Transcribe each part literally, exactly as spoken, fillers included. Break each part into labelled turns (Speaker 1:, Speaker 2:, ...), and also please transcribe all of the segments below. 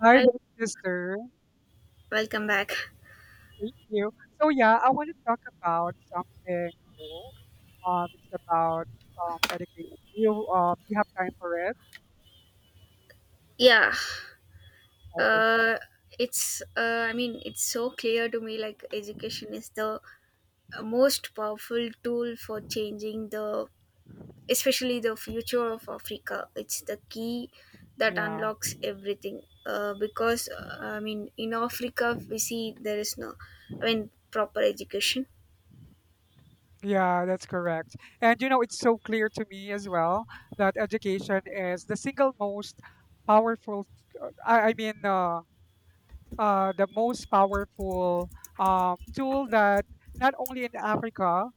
Speaker 1: Hi
Speaker 2: Hi,
Speaker 1: there, sister.
Speaker 2: welcome back.
Speaker 1: Thank you. So yeah, I want to talk about something cool. Um, it's about um education. You uh, you have time for it?
Speaker 2: Yeah,
Speaker 1: Okay.
Speaker 2: uh, it's, uh, I mean, it's so clear to me like education is the most powerful tool for changing the, especially the future of Africa. It's the key that
Speaker 1: Yeah,
Speaker 2: unlocks everything. Uh, because, uh, I mean, in Africa, we see there is no, I mean, proper education.
Speaker 1: yeah, that's correct. And you know, it's so clear to me as well that education is the single most powerful. I, I mean, uh, uh, the most powerful um tool that not only in Africa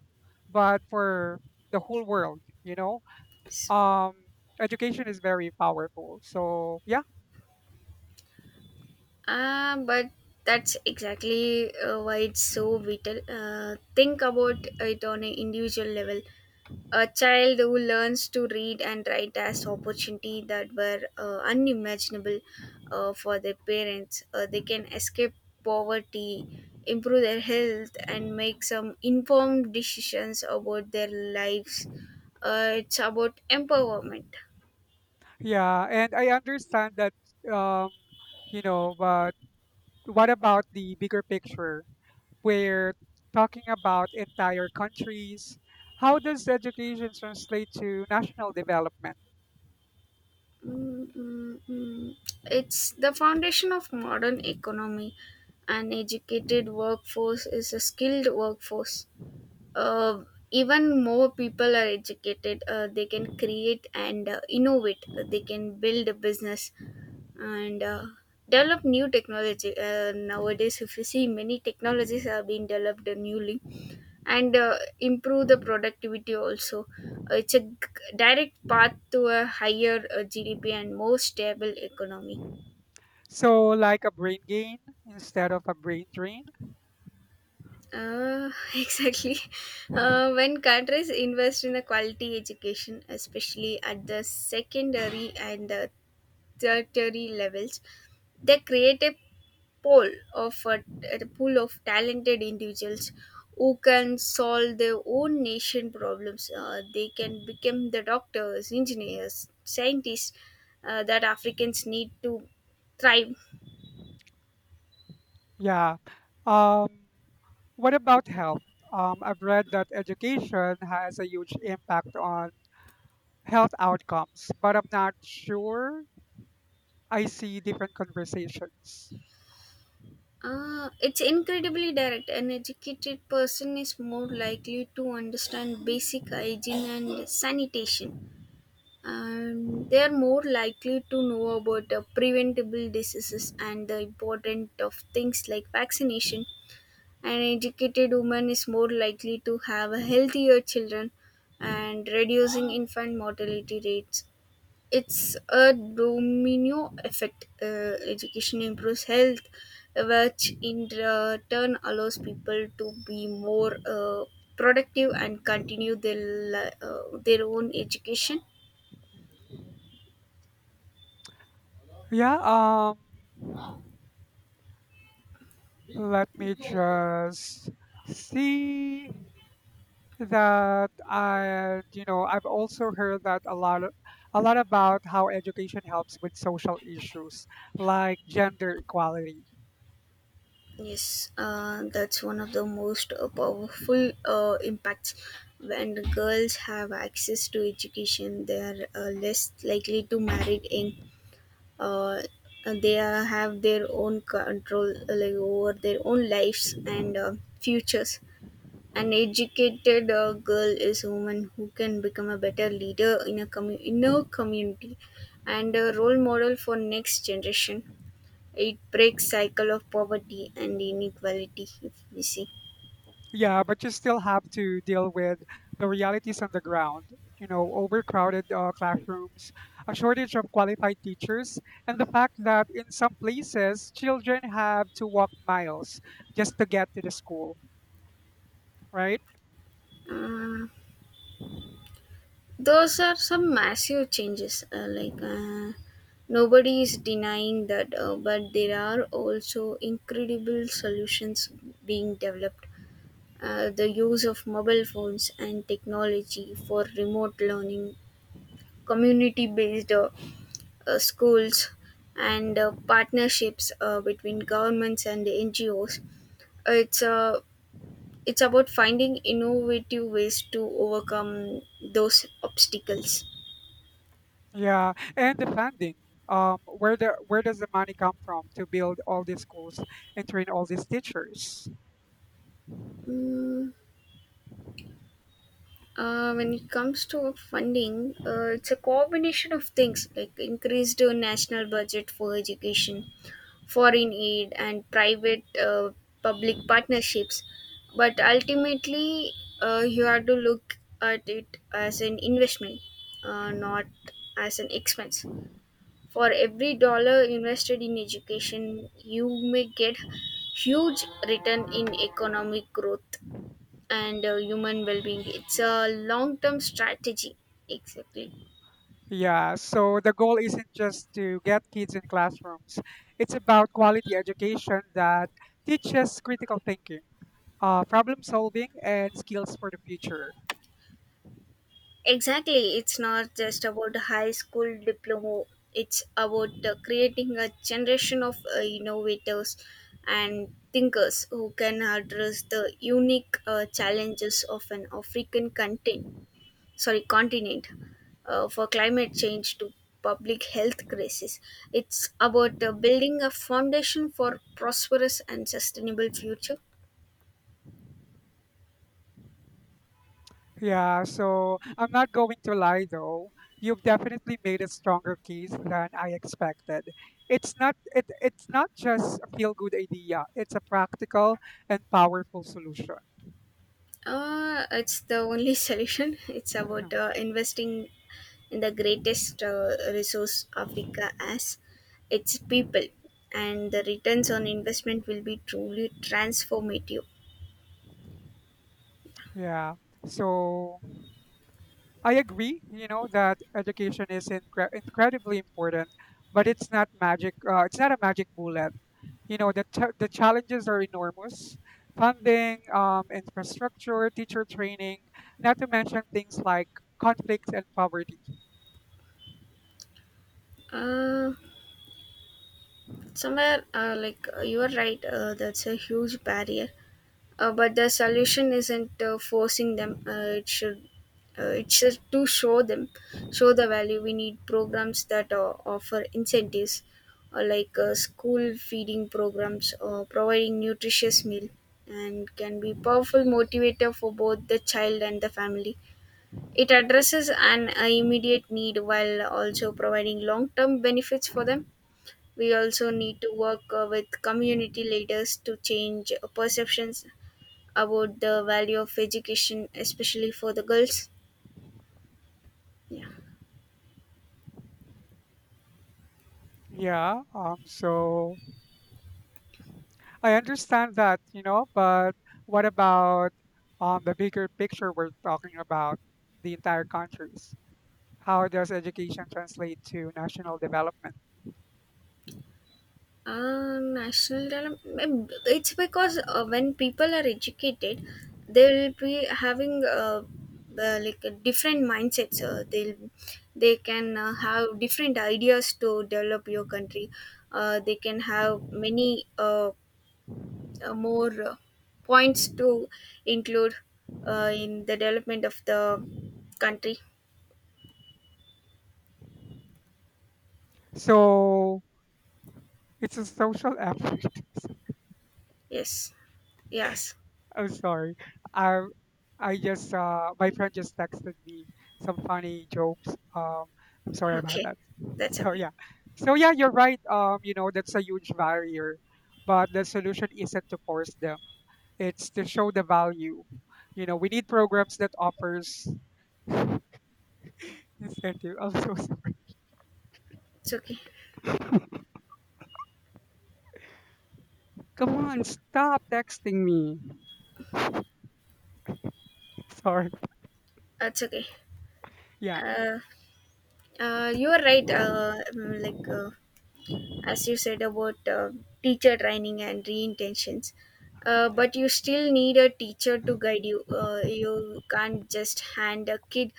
Speaker 1: but for the whole world. You know
Speaker 2: S-
Speaker 1: um Education is very powerful, so yeah.
Speaker 2: Uh, but that's exactly uh, why it's so vital. Uh, think about it on an individual level. A child who learns to read and write as opportunity that were uh, unimaginable uh, for their parents, uh, they can escape poverty, improve their health, and make some informed decisions about their lives. Uh, it's about empowerment.
Speaker 1: Yeah, and I understand that, um you know. But what about the bigger picture? We're talking about entire countries. How does education translate to national development?
Speaker 2: Mm, mm, mm. It's the foundation of modern economy. An educated workforce is a skilled workforce. uh, Even more people are educated, uh, they can create and uh, innovate, uh, they can build a business, and uh, develop new technology. Uh, nowadays, if you see, many technologies are being developed newly, and uh, improve the productivity also. Uh, it's a g- direct path to a higher uh, GDP and more stable economy.
Speaker 1: So like a brain gain instead of a brain drain.
Speaker 2: Uh, exactly. Uh, when countries invest in the quality education, especially at the secondary and uh, tertiary levels, they create a pool of uh, a pool of talented individuals who can solve their own nation problems. Uh, they can become the doctors, engineers, scientists uh, that Africans need to thrive.
Speaker 1: Yeah. um what about health? um, I've read that education has a huge impact on health outcomes, but I'm not sure. I see different conversations.
Speaker 2: Uh, it's incredibly direct. An educated person is more likely to understand basic hygiene and sanitation. And they are more likely to know about uh, preventable diseases and the importance of things like vaccination. An educated woman is more likely to have a healthier children and reducing infant mortality rates. It's a domino effect. Uh, education improves health, which in the turn allows people to be more uh, productive and continue their li- uh, their own education.
Speaker 1: Yeah, um Let me just see that. I you know I've also heard that a lot of, a lot about how education helps with social issues like gender equality.
Speaker 2: Yes, uh, that's one of the most uh, powerful uh, impacts. When girls have access to education, they are uh, less likely to marry young, uh, they uh, have their own control, uh, like over their own lives and uh, futures. An educated uh, girl is a woman who can become a better leader in a commu- in her community and a role model for next generation. It breaks cycle of poverty and inequality, if we see.
Speaker 1: Yeah, but you still have to deal with the realities on the ground. You know, overcrowded uh, classrooms, a shortage of qualified teachers, and the fact that in some places children have to walk miles just to get to the school, right?
Speaker 2: Uh, those are some massive changes, uh, like uh, nobody is denying that, uh, but there are also incredible solutions being developed. Uh, the use of mobile phones and technology for remote learning, community based uh, uh, schools, and uh, partnerships uh, between governments and NGOs. Uh, it's uh, it's about finding innovative ways to overcome those obstacles.
Speaker 1: Yeah, and the funding. Um, where the where does the money come from to build all these schools and train all these teachers?
Speaker 2: Mm, Uh, when it comes to funding, uh, it's a combination of things like increased uh, national budget for education, foreign aid, and private uh, public partnerships. But ultimately, uh, you have to look at it as an investment, uh, not as an expense. For every dollar invested in education, you may get huge return in economic growth and uh, human well-being. It's a long-term strategy. exactly
Speaker 1: Yeah, so the goal isn't just to get kids in classrooms. It's about quality education that teaches critical thinking, uh, problem solving, and skills for the future.
Speaker 2: exactly It's not just about high school diploma. It's about uh, creating a generation of uh, innovators and thinkers who can address the unique uh, challenges of an african continent. Sorry, continent, uh, for climate change to public health crisis. It's about uh, building a foundation for prosperous and sustainable future.
Speaker 1: Yeah, so I'm not going to lie though. You've definitely made a stronger case than I expected. It's not it, it's not just a feel good idea. It's a practical and powerful solution.
Speaker 2: Uh, it's the only solution. It's about uh, investing in the greatest uh, resource Africa has, its people, and the returns on investment will be truly transformative.
Speaker 1: Yeah. So I agree, you know, that education is incre- incredibly important, but it's not magic. Uh, it's not a magic bullet. You know, the, ch- the challenges are enormous: funding, um, infrastructure, teacher training, not to mention things like conflict and poverty.
Speaker 2: Uh, somewhere, uh, like uh, You are right, uh, that's a huge barrier. Uh, but the solution isn't uh, forcing them. Uh, it should uh, it's just to show them, show the value. We need programs that uh, offer incentives, uh, like uh, school feeding programs or providing nutritious meal, and can be powerful motivator for both the child and the family. It addresses an uh, immediate need while also providing long-term benefits for them. We also need to work uh, with community leaders to change uh, perceptions about the value of education, especially for the girls. Yeah.
Speaker 1: Yeah, um, so I understand that, you know, but what about, um, the bigger picture we're talking about, the entire countries? How does education translate to national development?
Speaker 2: Uh, national dilemma. mm, It's because uh, when people are educated, they'll be having uh, uh, like a different mindsets. Uh, they'll they can uh, have different ideas to develop your country. Uh, they can have many uh, uh, more uh, points to include uh, in the development of the country.
Speaker 1: So it's a social effort. So,
Speaker 2: Yes. Yes.
Speaker 1: I'm sorry. I I just uh my friend just texted me some funny jokes. Um I'm sorry about
Speaker 2: Okay,
Speaker 1: that.
Speaker 2: that's
Speaker 1: So
Speaker 2: okay.
Speaker 1: yeah. So yeah, you're right. Um, you know, that's a huge barrier. But the solution isn't to force them. It's to show the value. You know, we need programs that offers incentive. I'm so sorry.
Speaker 2: It's okay.
Speaker 1: Come on, stop texting me. Sorry.
Speaker 2: That's okay.
Speaker 1: Yeah.
Speaker 2: Uh, uh, you are right. Uh, mm, like uh, as you said about uh, teacher training and reintentions, uh, but you still need a teacher to guide you. Uh, you can't just hand a kid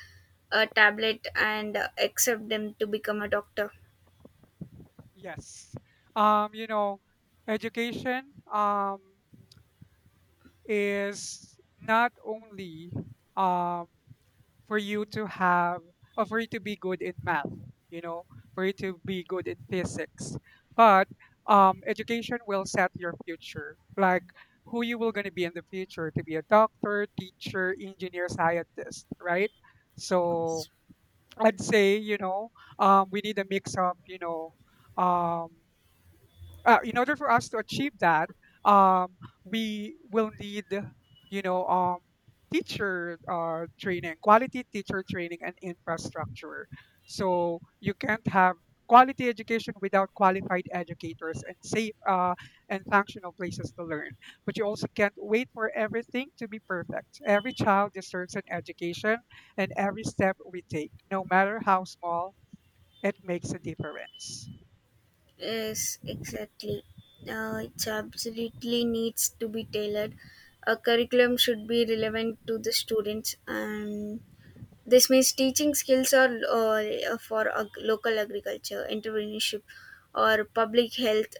Speaker 2: a tablet and uh, accept them to become a doctor.
Speaker 1: Yes. Um, you know, education um, is not only um, for you to have or for you to be good in math, you know, for you to be good in physics, but um, education will set your future, like who you will going to be in the future, to be a doctor, teacher, engineer, scientist, right?
Speaker 2: Yes,
Speaker 1: So I'd say, you know, um, we need a mix of, you know, um, uh, in order for us to achieve that, um, we will need, you know, um, teacher uh, training, quality teacher training, and infrastructure. So you can't have quality education without qualified educators and safe uh, and functional places to learn. But you also can't wait for everything to be perfect. Every child deserves an education, and every step we take, no matter how small, it makes a difference.
Speaker 2: yes exactly. Uh, it absolutely needs to be tailored. A curriculum should be relevant to the students and this means teaching skills or uh, for ag- local agriculture, entrepreneurship, or public health.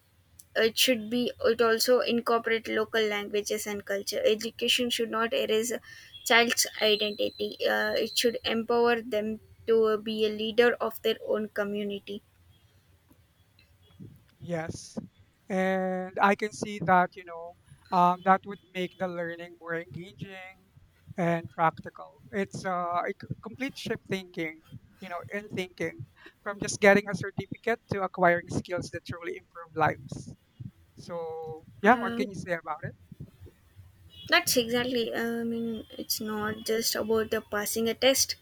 Speaker 2: It should be. It also incorporate local languages and culture. Education should not erase a child's identity. Uh, it should empower them to be a leader of their own community.
Speaker 1: Yes. And I can see that, you know, um, that would make the learning more engaging and practical. It's uh, a c- complete shift thinking, you know, in thinking from just getting a certificate to acquiring skills that truly improve lives. So, yeah, what
Speaker 2: Uh,
Speaker 1: can you say about it?
Speaker 2: that's exactly. I mean, it's not just about uh, passing a test.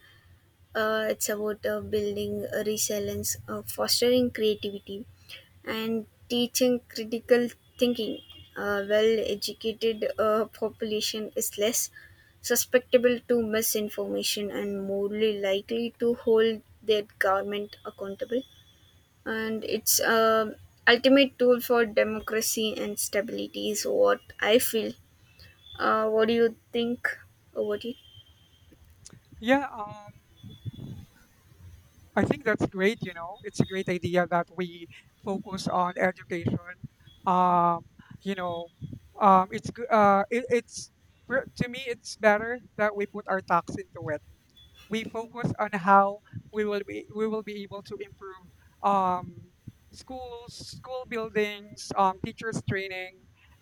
Speaker 2: Uh, it's about uh, building uh, resilience, uh, fostering creativity, and teaching critical thinking. A well educated uh, population is less susceptible to misinformation and more likely to hold their government accountable. And it's a ultimate tool for democracy and stability, is what I feel. Uh, what do you think about it?
Speaker 1: Yeah, um, I think that's great. You know, it's a great idea that we focus on education. Um, you know, um, it's g- uh, it, it's for- To me, it's better that we put our tax into it. We focus on how we will be we will be able to improve, um, schools, school buildings, um, teachers training,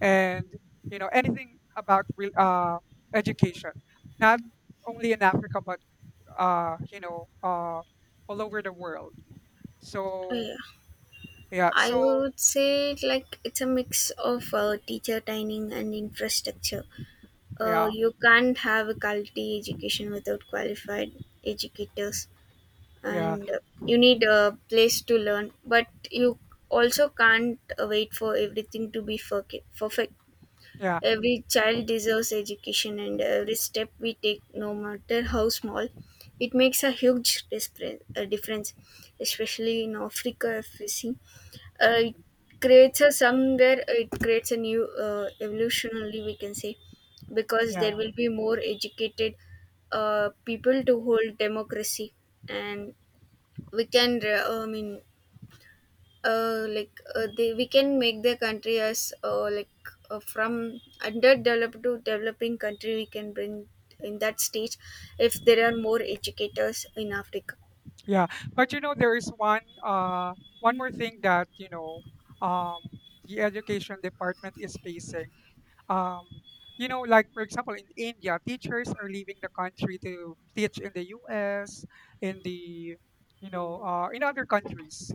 Speaker 1: and you know anything about real uh, education, not only in Africa but uh, you know uh, all over the world.
Speaker 2: Uh,
Speaker 1: So
Speaker 2: yeah.
Speaker 1: yeah,
Speaker 2: I
Speaker 1: so
Speaker 2: would say like it's a mix of uh, teacher training and infrastructure. Uh,
Speaker 1: yeah,
Speaker 2: you can't have a quality education without qualified educators,
Speaker 1: yeah,
Speaker 2: and uh, you need a place to learn. But you also can't uh, wait for everything to be perfe- perfect.
Speaker 1: yeah,
Speaker 2: Every child deserves education, and every step we take, no matter how small, it makes a huge dispre- uh, difference, especially in Africa, if you see uh, it
Speaker 1: mhm,
Speaker 2: creates a, somewhere it creates a new uh, evolutionally, we can say, because
Speaker 1: yeah.
Speaker 2: there will be more educated uh, people to hold democracy. And we can re- I mean uh, like uh, they, we can make the country as uh, like uh, from underdeveloped to developing country. We can bring in that stage if there are more educators in africa.
Speaker 1: Yeah, but you know there is one uh one more thing that you know um the education department is facing. Um, you know, like for example in India, teachers are leaving the country to teach in the U S in the you know uh, in other countries.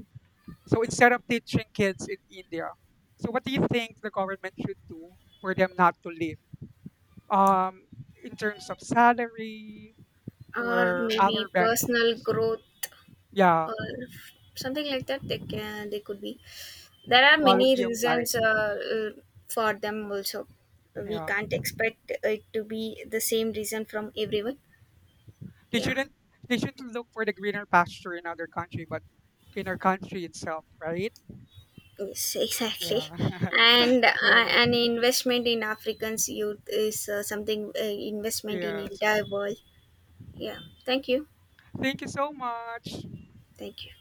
Speaker 1: So instead of teaching kids in India, so what do you think the government should do for them not to leave? Um, in terms of salary
Speaker 2: Or
Speaker 1: or other
Speaker 2: maybe personal
Speaker 1: benefits.
Speaker 2: growth
Speaker 1: Yeah,
Speaker 2: or something like that. They can they could be. There are many
Speaker 1: quality of life.
Speaker 2: reasons, uh, uh, for them also we
Speaker 1: Yeah.
Speaker 2: can't expect it to be the same reason from everyone.
Speaker 1: They
Speaker 2: Yeah.
Speaker 1: shouldn't they shouldn't look for the greener pasture in other country, but in our country itself, right?
Speaker 2: Yes, exactly.
Speaker 1: Yeah.
Speaker 2: And uh,
Speaker 1: So
Speaker 2: an investment in africans youth is uh, something, uh, investment in
Speaker 1: yes.
Speaker 2: entire world. Yeah, thank you.
Speaker 1: Thank you so much.
Speaker 2: Thank you